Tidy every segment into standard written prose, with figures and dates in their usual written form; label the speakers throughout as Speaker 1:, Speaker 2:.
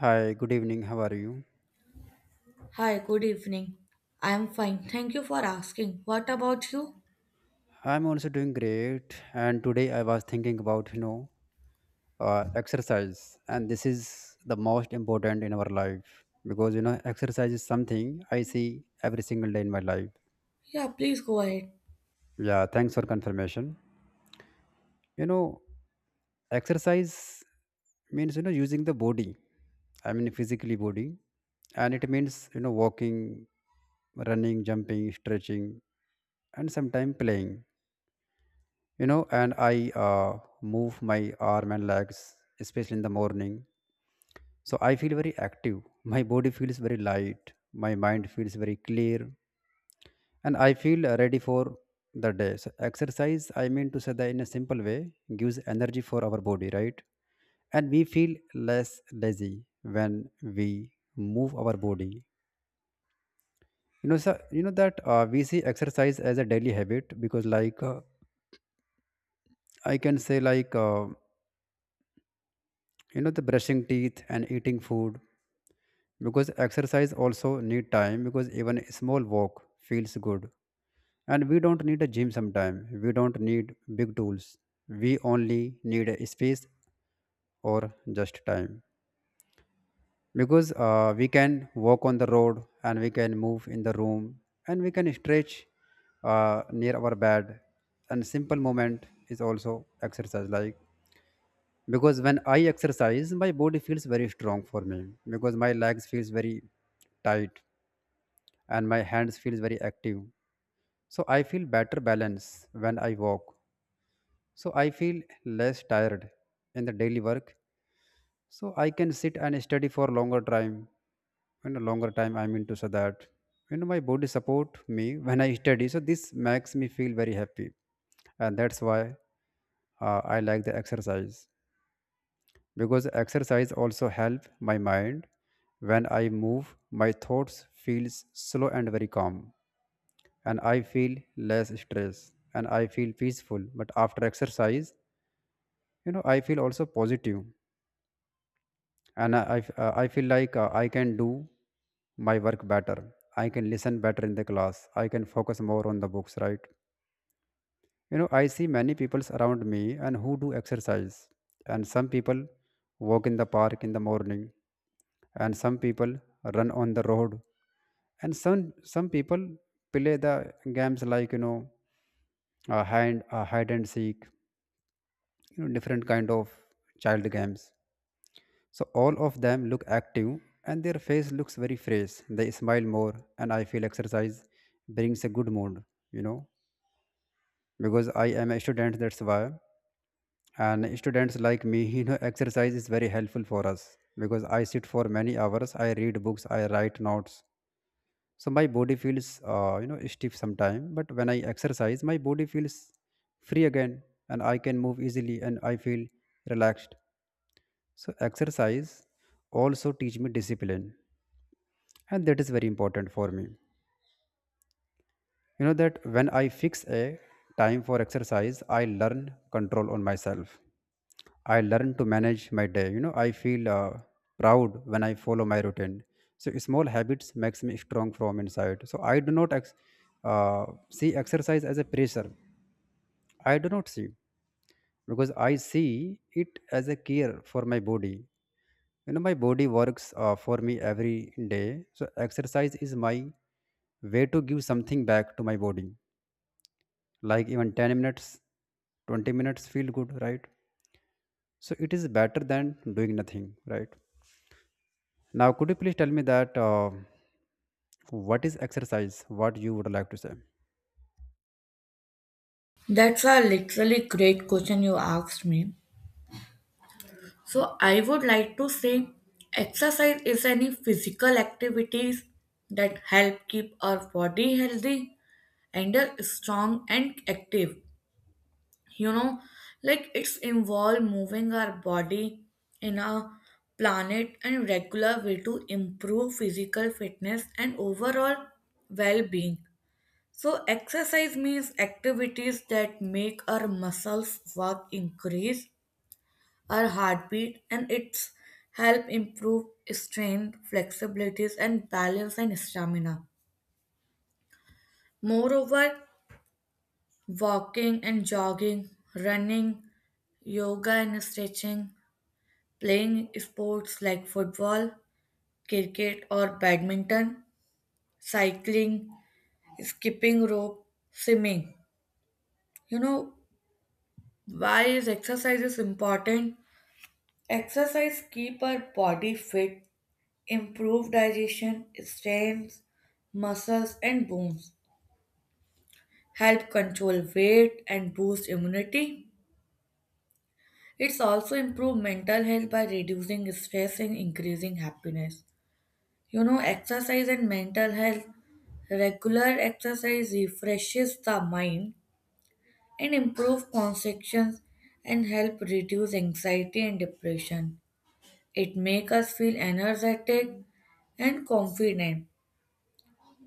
Speaker 1: Hi, good evening. How are you?
Speaker 2: Hi, good evening. I'm fine. Thank you for asking. What about you?
Speaker 1: I'm also doing great. And today I was thinking about, exercise. And this is the most important in our life because, exercise is something I see every single day in my life.
Speaker 2: Yeah, please go ahead.
Speaker 1: Yeah, thanks for confirmation. You know, exercise means, using the body, I mean, physically body. And it means, walking, running, jumping, stretching, and sometimes playing. And I move my arm and legs, especially in the morning, so I feel very active. My body feels very light, my mind feels very clear, and I feel ready for the day. So exercise, I mean to say that in a simple way, gives energy for our body, right? And we feel less lazy when we move our body. You know so you know that uh, we see exercise as a daily habit because like I can say like you know the brushing teeth and eating food, because exercise also need time because even a small walk feels good. And we don't need a gym, sometime we don't need big tools. We only need a space or just time, because we can walk on the road and we can move in the room and we can stretch near our bed. And simple movement is also exercise, like, because when I exercise my body feels very strong for me, because my legs feels very tight and my hands feels very active. So I feel better balance when I walk, so I feel less tired in the daily work. So I can sit and study for longer time. In a longer time, I mean to say that, you know, my body support me when I study, so this makes me feel very happy. And that's why I like the exercise, because exercise also help my mind. When I move, my thoughts feels slow and very calm, and I feel less stress and I feel peaceful. But after exercise, you know, I feel also positive, and I feel like I can do my work better. I can listen better in the class. I can focus more on the books, right? You know, I see many people around me and who do exercise. And some people walk in the park in the morning, and some people run on the road, and some people play the games, like, you know, hand hide and seek, you know, different kind of child games. So all of them look active and their face looks very fresh. They smile more, and I feel exercise brings a good mood, you know, because I am a student, that's why. And students like me, you know, exercise is very helpful for us because I sit for many hours, I read books, I write notes. So my body feels, you know, stiff sometime, but when I exercise my body feels free again, and I can move easily and I feel relaxed. So exercise also teach me discipline, and that is very important for me. You know that when I fix a time for exercise, I learn control on myself. I learn to manage my day. You know, I feel proud when I follow my routine. So small habits makes me strong from inside. So I do not see exercise as a pressure. I do not see, because I see it as a care for my body. You know, my body works for me every day, so exercise is my way to give something back to my body. Like even 10 minutes, 20 minutes feel good, right? So it is better than doing nothing, right? Now could you please tell me that, what is exercise, what you would like to say?
Speaker 2: That's a literally great question you asked me. So, I would like to say exercise is any physical activities that help keep our body healthy and strong and active. You know, like it's involve moving our body in a planet and regular way to improve physical fitness and overall well-being. So exercise means activities that make our muscles work, increase our heartbeat, and it's help improve strength, flexibilities, and balance and stamina. Moreover, walking and jogging, running, yoga and stretching, playing sports like football, cricket, or badminton, cycling, skipping rope, swimming. You know, why is exercise is important? Exercise keep our body fit, improve digestion, strength, muscles and bones, help control weight and boost immunity. It's also improve mental health by reducing stress and increasing happiness. You know, exercise and mental health. Regular exercise refreshes the mind and improves concentration and help reduce anxiety and depression. It makes us feel energetic and confident.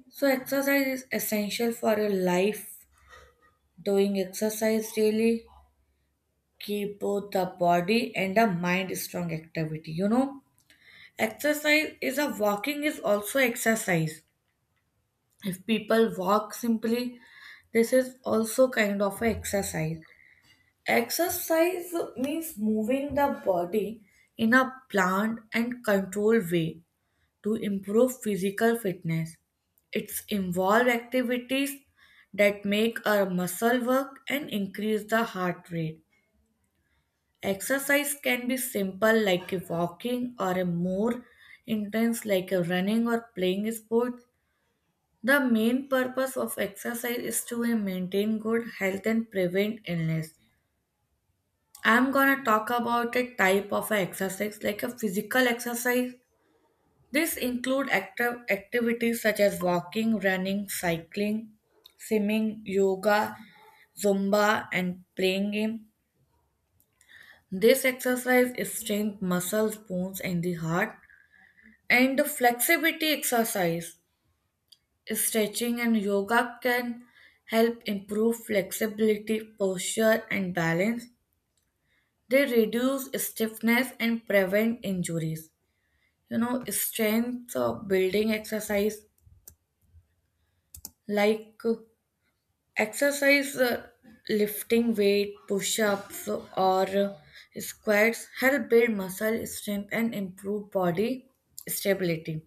Speaker 2: So exercise is essential for a life. Doing exercise daily keep both the body and the mind strong activity. You know, exercise is a walking is also exercise. If people walk simply, this is also kind of a exercise. Exercise means moving the body in a planned and controlled way to improve physical fitness. It's involved activities that make our muscle work and increase the heart rate. Exercise can be simple like a walking or a more intense like a running or playing a sport. The main purpose of exercise is to maintain good health and prevent illness. I'm gonna talk about a type of a exercise like a physical exercise. This include active activities such as walking, running, cycling, swimming, yoga, zumba, and playing game. This exercise is strength muscles, bones, and the heart. And the flexibility exercise, stretching and yoga can help improve flexibility, posture, and balance. They reduce stiffness and prevent injuries. You know, strength building exercise like exercise, lifting weight, push-ups, or squats help build muscle strength and improve body stability.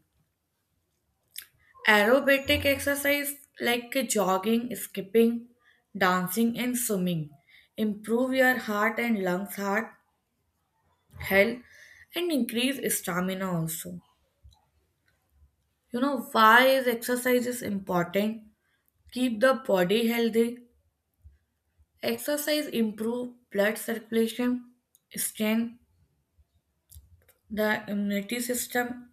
Speaker 2: Aerobatic exercise like jogging, skipping, dancing, and swimming improve your heart and lungs, heart health, and increase stamina also. You know, why is exercise is important? Keep the body healthy. Exercise improve blood circulation, strengthen the immunity system,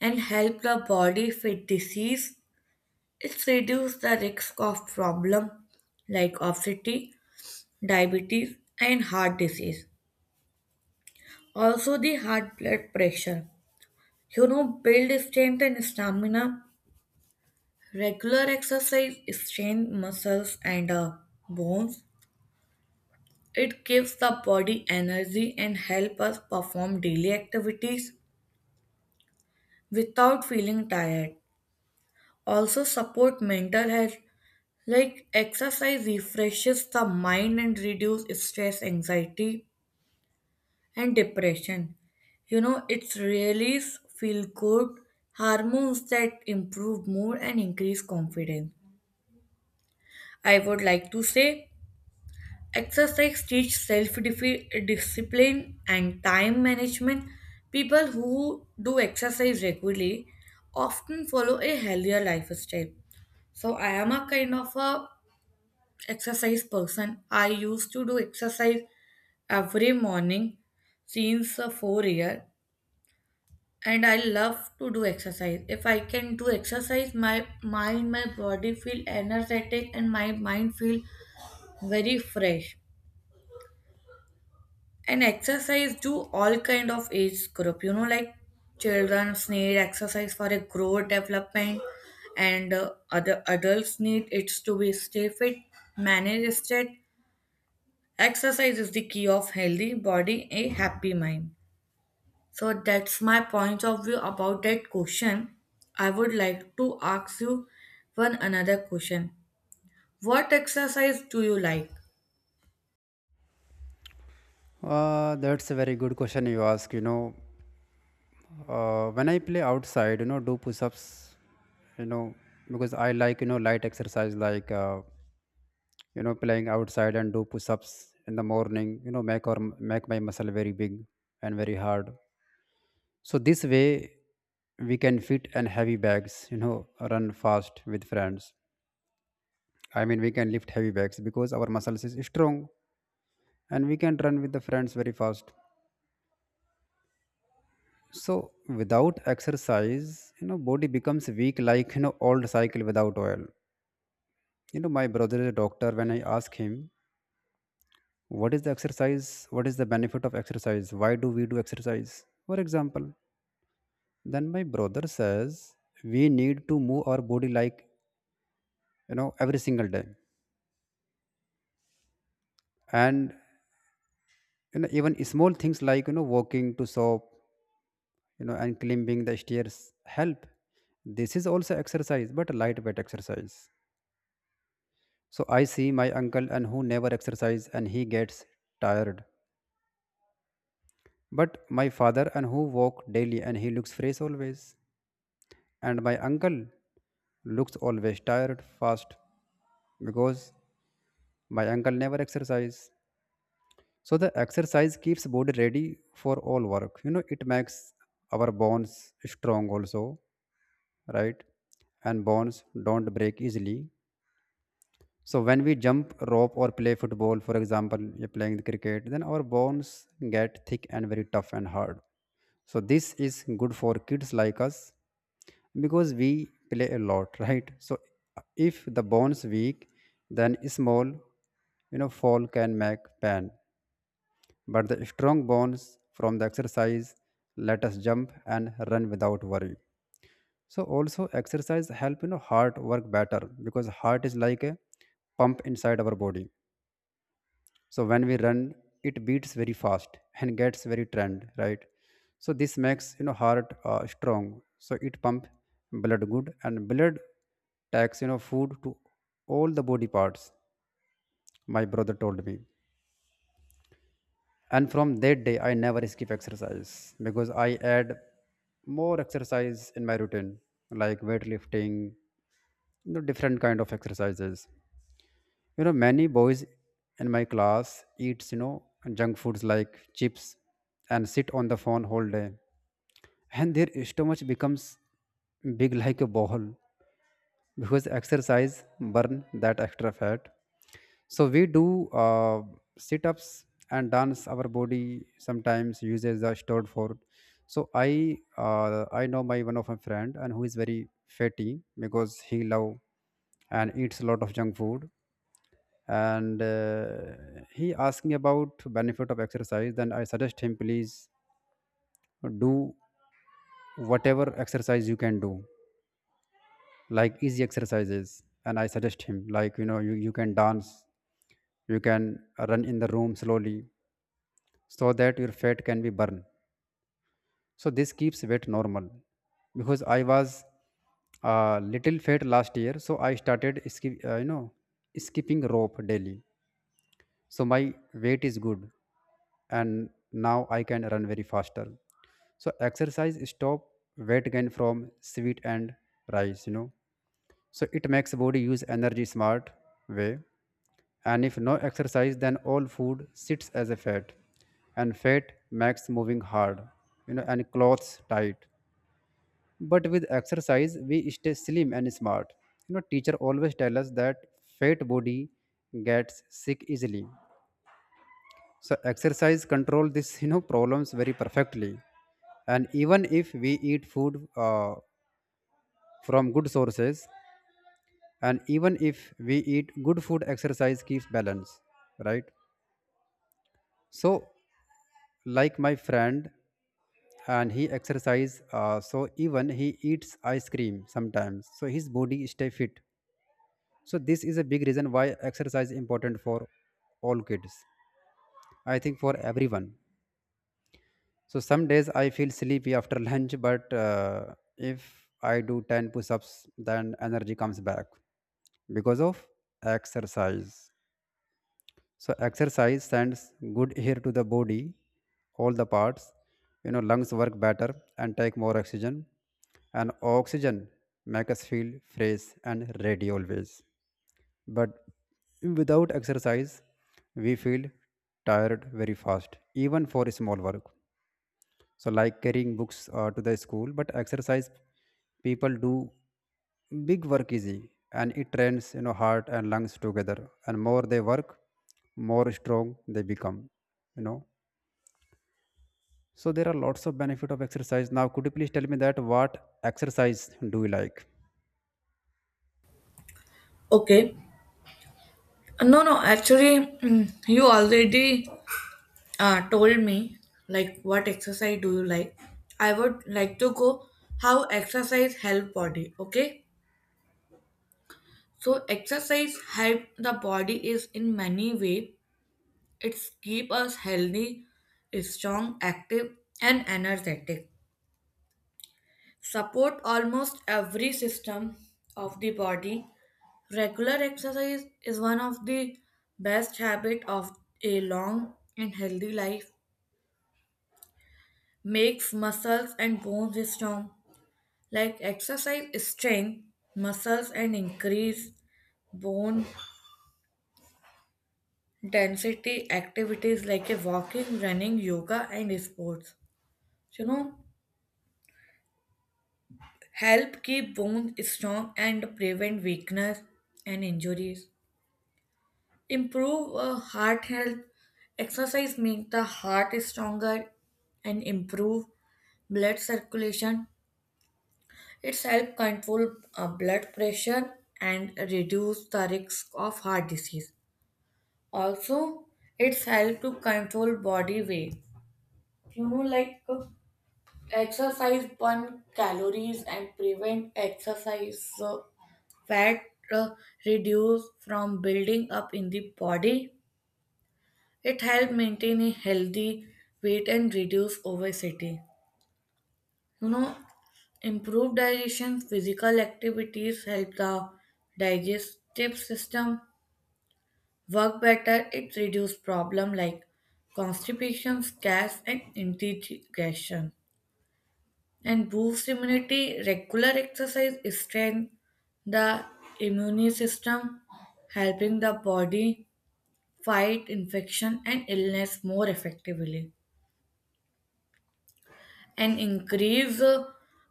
Speaker 2: and help the body fight disease. It reduces the risk of problem like obesity, diabetes, and heart disease. Also, the heart blood pressure. You know, build strength and stamina. Regular exercise strengthens muscles and bones. It gives the body energy and help us perform daily activities without feeling tired. Also support mental health like exercise refreshes the mind and reduce stress, anxiety, and depression. You know, it's release feel good hormones that improve mood and increase confidence. I would like to say exercise teaches self discipline and time management. People who do exercise regularly often follow a healthier lifestyle. So I am a kind of a exercise person. I used to do exercise every morning since 4 year, and I love to do exercise. If I can do exercise, my mind, my body feel energetic, and my mind feel very fresh. And exercise do all kind of age group, you know, like children need exercise for a growth development and other adults need it to be stay fit, manage stress. Exercise is the key of healthy body, a happy mind. So that's my point of view about that question. I would like to ask you one another question. What exercise do you like?
Speaker 1: That's a very good question you ask, you know. When I play outside, you know, do push-ups, you know, because I like, you know, light exercise like, you know, playing outside and do push-ups in the morning, you know, make my muscle very big and very hard. So this way we can fit and heavy bags, you know, run fast with friends. I mean, we can lift heavy bags because our muscles is strong, and we can run with the friends very fast. So without exercise, you know, body becomes weak like, you know, old cycle without oil. You know, my brother is a doctor. When I ask him what is the exercise, what is the benefit of exercise, why do we do exercise, for example, then my brother says we need to move our body, like, you know, every single day. And you know, even small things like, you know, walking to shop, you know, and climbing the stairs help. This is also exercise, but lightweight exercise. So I see my uncle and who never exercise and he gets tired. But my father and who walk daily and he looks fresh always. And my uncle looks always tired fast because my uncle never exercise. So the exercise keeps body ready for all work. You know, it makes our bones strong also, right? And bones don't break easily. So when we jump rope or play football, for example, you're playing the cricket, then our bones get thick and very tough and hard. So this is good for kids like us, because we play a lot. Right? So if the bones weak, then small, you know, fall can make pain. But the strong bones from the exercise let us jump and run without worry. So also exercise help, you know, heart work better because heart is like a pump inside our body. So when we run, it beats very fast and gets very trend, right? So this makes, you know, heart strong. So it pump blood good, and blood takes, you know, food to all the body parts. My brother told me, and from that day I never skip exercise. Because I add more exercise in my routine, like weightlifting, you know, different kind of exercises. You know, many boys in my class eats, you know, junk foods like chips, and sit on the phone whole day. And their stomach becomes big like a ball, because exercise burn that extra fat. So we do sit-ups and dance. Our body sometimes uses the stored for. So I know my one of my friend and who is very fatty because he love and eats a lot of junk food. And he asked me about benefit of exercise, then I suggest him, please do whatever exercise you can do, like easy exercises. And I suggest him like, you know, you can dance, you can run in the room slowly, so that your fat can be burned. So this keeps weight normal. Because I was little fat last year, so I started you know, skipping rope daily. So my weight is good, and now I can run very faster. So exercise stop weight gain from sweat and rice, you know. So it makes body use energy smart way. And if no exercise, then all food sits as a fat, and fat makes moving hard, you know, and clothes tight. But with exercise we stay slim and smart. You know, teacher always tell us that fat body gets sick easily. So exercise control this, you know, problems very perfectly. And even if we eat food from good sources, and even if we eat good food, exercise keeps balance, right? So like my friend, and he exercise, so even he eats ice cream sometimes, so his body stay fit. So this is a big reason why exercise important for all kids, I think, for everyone. So some days I feel sleepy after lunch, but if I do 10 push ups, then energy comes back because of exercise. So exercise sends good air to the body, all the parts. You know, lungs work better and take more oxygen, and oxygen make us feel fresh and ready always. But without exercise, we feel tired very fast, even for small work, so like carrying books to the school. But exercise people do big work easy, and it trains, you know, heart and lungs together, and more they work, more strong they become, you know. So there are lots of benefit of exercise. Now could you please tell me that what exercise do you like?
Speaker 2: Okay. No, no, actually, mm, you already told me like what exercise do you like. I would like to go how exercise help body. Okay, so exercise help the body is in many way. It's keep us healthy, strong, active, and energetic, support almost every system of the body. Regular exercise is one of the best habit of a long and healthy life. Makes muscles and bones strong, like exercise strength, muscles, and increase bone density, activities like a walking, running, yoga, and sports. You know, help keep bones strong and prevent weakness and injuries. Improve heart health. Exercise make the heart stronger and improve blood circulation. It's help control blood pressure and reduce the risk of heart disease. Also, it's helped to control body weight. You know, like exercise burn calories and prevent exercise fat uh, reduce from building up in the body. It helps maintain a healthy weight and reduce obesity. You know, improved digestion, physical activities help the digestive system work better. It reduces problems like constipation, gas, and indigestion, and boosts immunity. Regular exercise strengthens the immune system, helping the body fight infection and illness more effectively, and increase uh,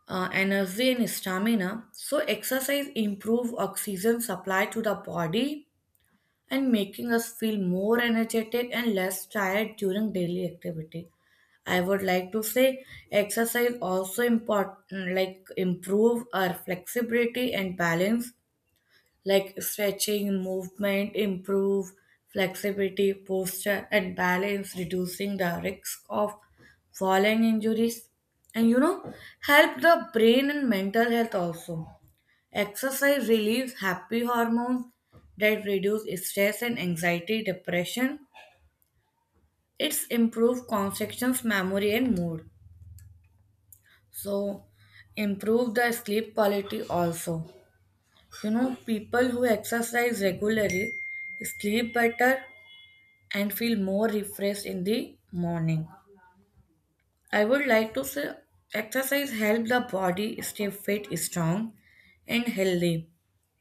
Speaker 2: uh, energy and stamina. So, exercise improve oxygen supply to the body and making us feel more energetic and less tired during daily activity. I would like to say exercise also important like improve our flexibility and balance, like stretching movement improve flexibility, posture, and balance, reducing the risk of falling injuries. And you know, help the brain and mental health also. Exercise relieves happy hormones that reduce stress and anxiety, depression. It's improve concentration, memory, and mood. So, improve the sleep quality also. You know, people who exercise regularly sleep better and feel more refreshed in the morning. I would like to say exercise help the body stay fit, strong, and healthy.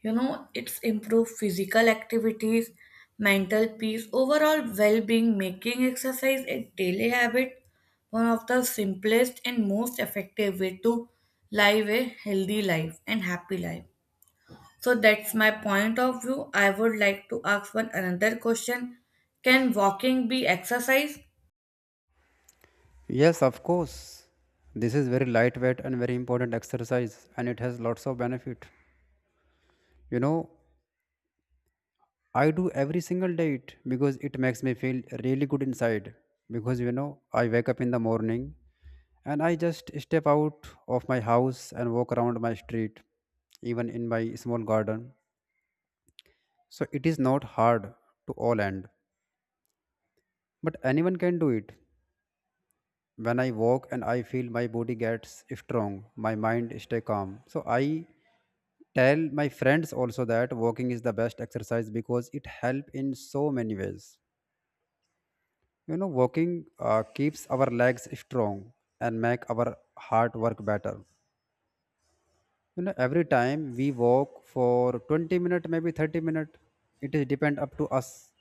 Speaker 2: You know, it's improve physical activities, mental peace, overall well-being, making exercise a daily habit, one of the simplest and most effective way to live a healthy life and happy life. So that's my point of view. I would like to ask one another question. Can walking be exercise?
Speaker 1: Yes, of course, this is very lightweight and very important exercise and it has lots of benefit. You know, I do every single day it because it makes me feel really good inside. Because you know, I wake up in the morning and I just step out of my house and walk around my street, even in my small garden. So it is not hard to all end, but anyone can do it. When I walk and I feel my body gets strong, my mind stay calm. So I tell my friends also that walking is the best exercise because it help in so many ways. Walking keeps our legs strong and make our heart work better. You know, every time we walk for 20 minutes, maybe 30 minutes, it is depend up to us.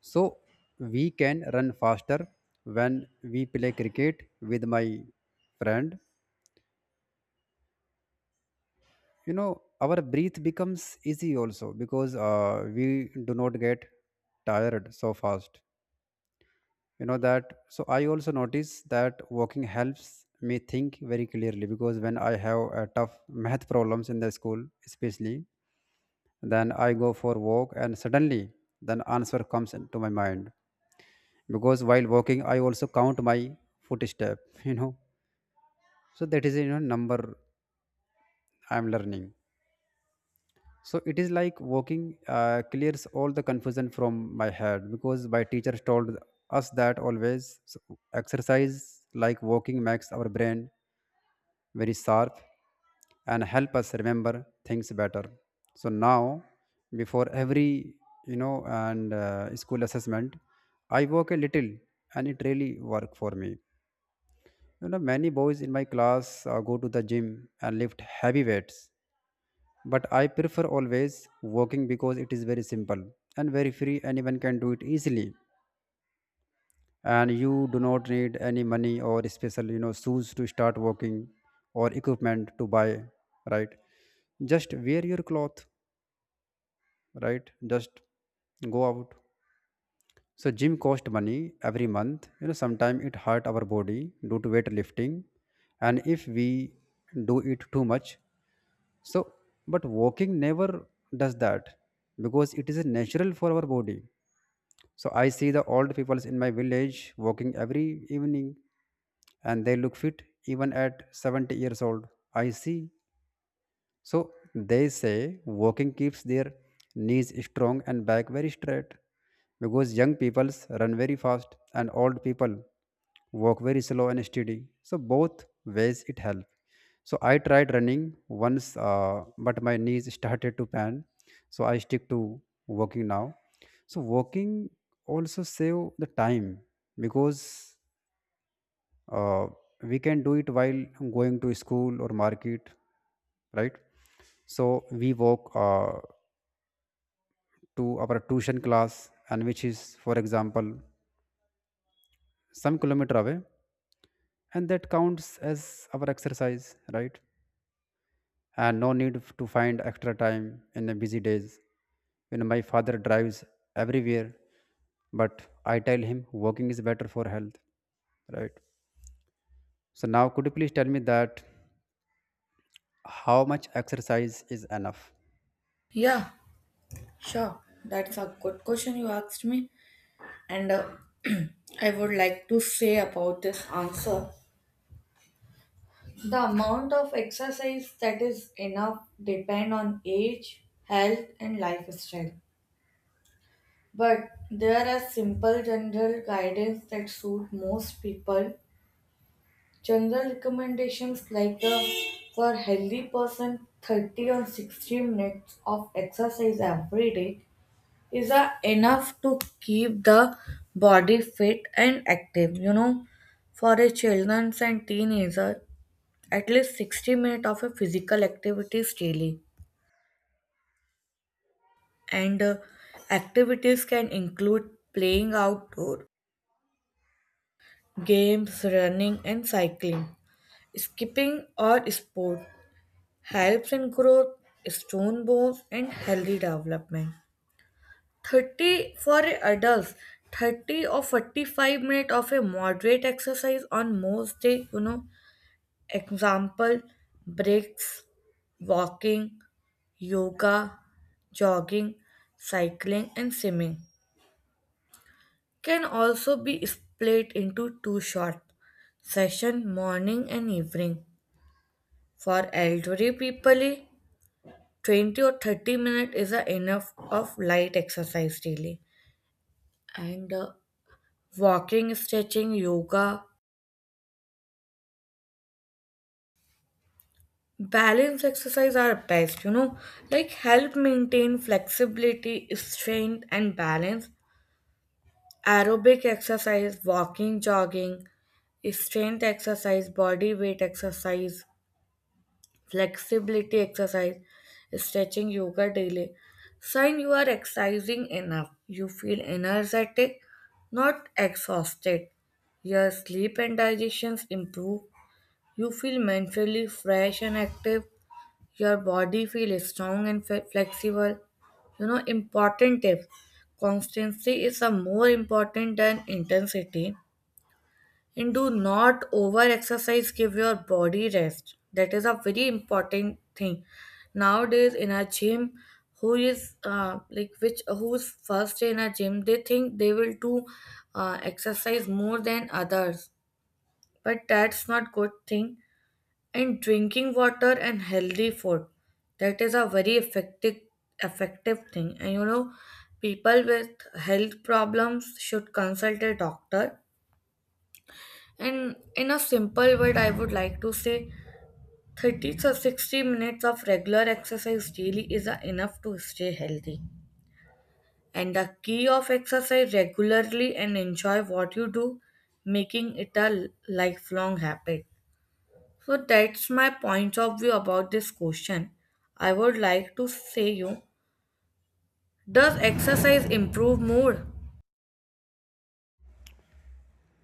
Speaker 1: So we can run faster when we play cricket with my friend. Our breath becomes easy also because we do not get tired so fast. You know that So I also notice that walking helps me think very clearly because when I have tough math problems in the school especially, then I go for walk and suddenly then answer comes into my mind because while walking I also count my footstep you know so that is number I'm learning. So it is like walking clears all the confusion from my head because my teachers told us that always so exercise like walking makes our brain very sharp and help us remember things better. So now before every you know and school assessment I work a little and it really work for me. You know, many boys in my class go to the gym and lift heavy weights, but I prefer always walking because it is very simple and very free. Anyone can do it easily, and you do not need any money or special shoes to start walking, or equipment to buy, right? Just wear your cloth, right? Just go out. So gym cost money every month, sometimes it hurt our body due to weight lifting and if we do it too much, so but walking never does that because it is natural for our body. So I see the old peoples in my village walking every evening and they look fit even at 70 years old. I see. So they say walking keeps their knees strong and back very straight because young people run very fast and old people walk very slow and steady. So both ways it helps. So I tried running once, but my knees started to pain. So I stick to walking now. So walking also save the time because uh, we can do it while going to school or market, right? So we walk to our tuition class and which is for example some kilometer away, and that counts as our exercise, right? And no need to find extra time in the busy days. You know, my father drives everywhere, but I tell him walking is better for health, right? So now could you please tell me that how much exercise is enough?
Speaker 2: Yeah. Sure, that's a good question you asked me, and I would like to say about this answer. The amount of exercise that is enough depend on age, health, and lifestyle. But there are simple general guidance that suit most people. General recommendations like the for healthy person 30 or 60 minutes of exercise every day is that enough to keep the body fit and active. You know, for a children and teenager, at least 60 minutes of a physical activities daily, and activities can include playing outdoor games, running and cycling, skipping or sport, helps in growth, stone bones and healthy development. 30 for adults, 30 or 45 minutes of a moderate exercise on most day. You know, example, breaks, walking, yoga, jogging, cycling, and swimming, can also be split into two short session, morning and evening. For elderly people, 20 or 30 minutes is a enough of light exercise daily, and walking, stretching, yoga, balance exercise are best, you know, like help maintain flexibility, strength, and balance. Aerobic exercise, walking, jogging, strength exercise, body weight exercise, flexibility exercise, stretching, yoga daily. Sign you are exercising enough. You feel energetic, not exhausted. Your sleep and digestions improve. You feel mentally fresh and active. Your body feels strong and flexible. You know, important tip, constancy is a more important than intensity. And do not over exercise, give your body rest. That is a very important thing. Nowadays, in a gym, who is like which who's first in a gym, they think they will do exercise more than others, but that's not good thing. And drinking water and healthy food, that is a very effective thing. And you know, people with health problems should consult a doctor. And in a simple word I would like to say, 30 to 60 minutes of regular exercise daily is a enough to stay healthy, and the key of exercise regularly and enjoy what you do, making it a lifelong habit. So that's my point of view about this question. I would like to say you, does exercise improve mood?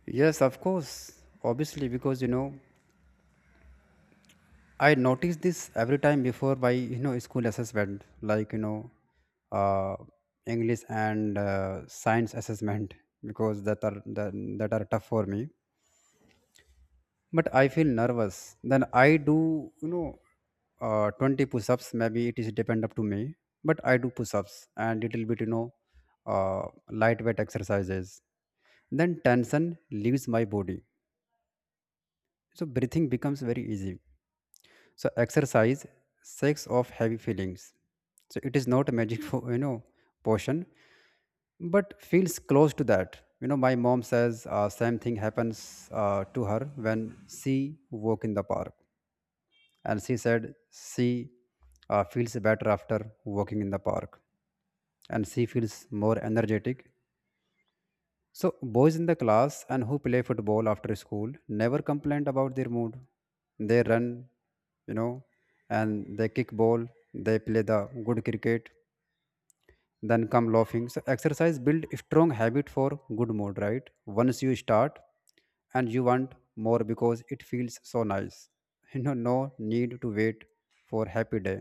Speaker 1: Yes, of course. Obviously, because I noticed this every time before by school assessment, uh, English and science assessment, because that are that are tough for me. But I feel nervous. Then I do 20 push-ups. Maybe it is depend up to me, but I do push-ups and little bit lightweight exercises. Then tension leaves my body, so breathing becomes very easy. So exercise shakes off heavy feelings. So it is not a magic for potion, but feels close to that. You know, my mom says same thing happens to her when she walk in the park, and she said she feels better after walking in the park, and she feels more energetic. So, boys in the class and who play football after school never complained about their mood. They run, you know, and they kick ball, they play the good cricket, then come laughing. So, exercise build strong habit for good mood, right? Once you start and you want more because it feels so nice. You know, no need to wait for happy day.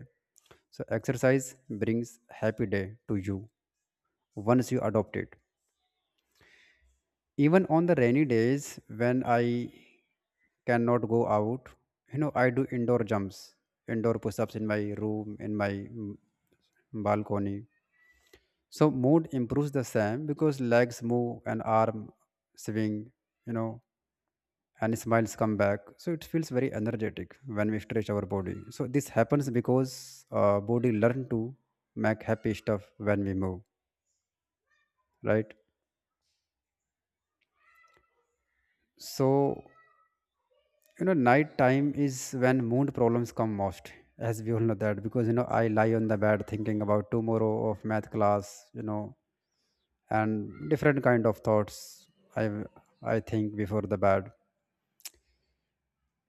Speaker 1: So, exercise brings happy day to you once you adopt it. Even on the rainy days when I cannot go out, you know, I do indoor jumps, indoor push ups in my room, in my balcony. So, mood improves the same because legs move and arm swing, you know, and smiles come back. So, it feels very energetic when we stretch our body. So, this happens because body learn to make happy stuff when we move, right? So, you know, night time is when mood problems come most, as we all know that because I lie on the bed thinking about tomorrow of math class, and different kind of thoughts i I think before the bed,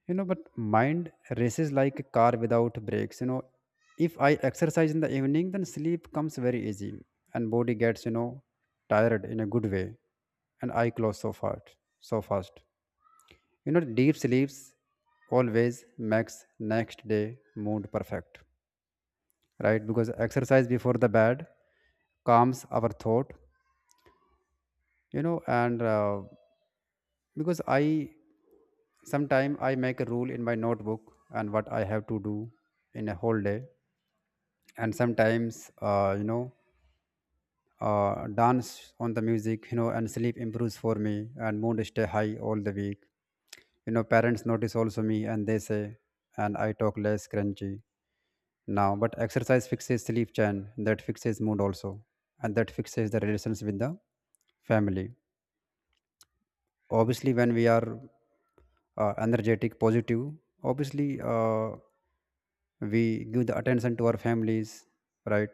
Speaker 1: but mind races like a car without brakes, if I exercise in the evening then sleep comes very easy and body gets tired in a good way and I close so fast. You know, deep sleeps always makes next day mood perfect, right? Because exercise before the bed calms our thought, you know, and because I sometimes I make a rule in my notebook and what I have to do in a whole day, and sometimes dance on the music, you know, and sleep improves for me and mood stay high all the week. You know, parents notice also me and they say, and I talk less crunchy now, but exercise fixes sleep chain that fixes mood also and that fixes the relations with the family. Obviously when we are energetic positive, obviously we give the attention to our families, right?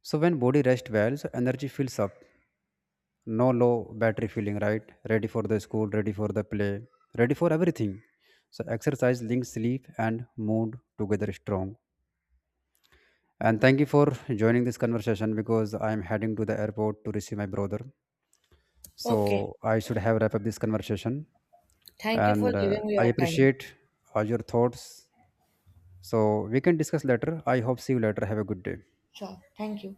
Speaker 1: So when body rest well, so energy fills up, no low battery feeling, right? Ready for the school, ready for the play, ready for everything. So exercise links sleep and mood together strong. And thank you for joining this conversation because I'm heading to the airport to receive my brother.
Speaker 2: Okay.
Speaker 1: So I should have wrap up this conversation.
Speaker 2: Thank you for
Speaker 1: And
Speaker 2: giving me
Speaker 1: I
Speaker 2: your time.
Speaker 1: appreciate your thoughts. So we can discuss later. I hope see you later. Have a good day.
Speaker 2: Sure. Thank you.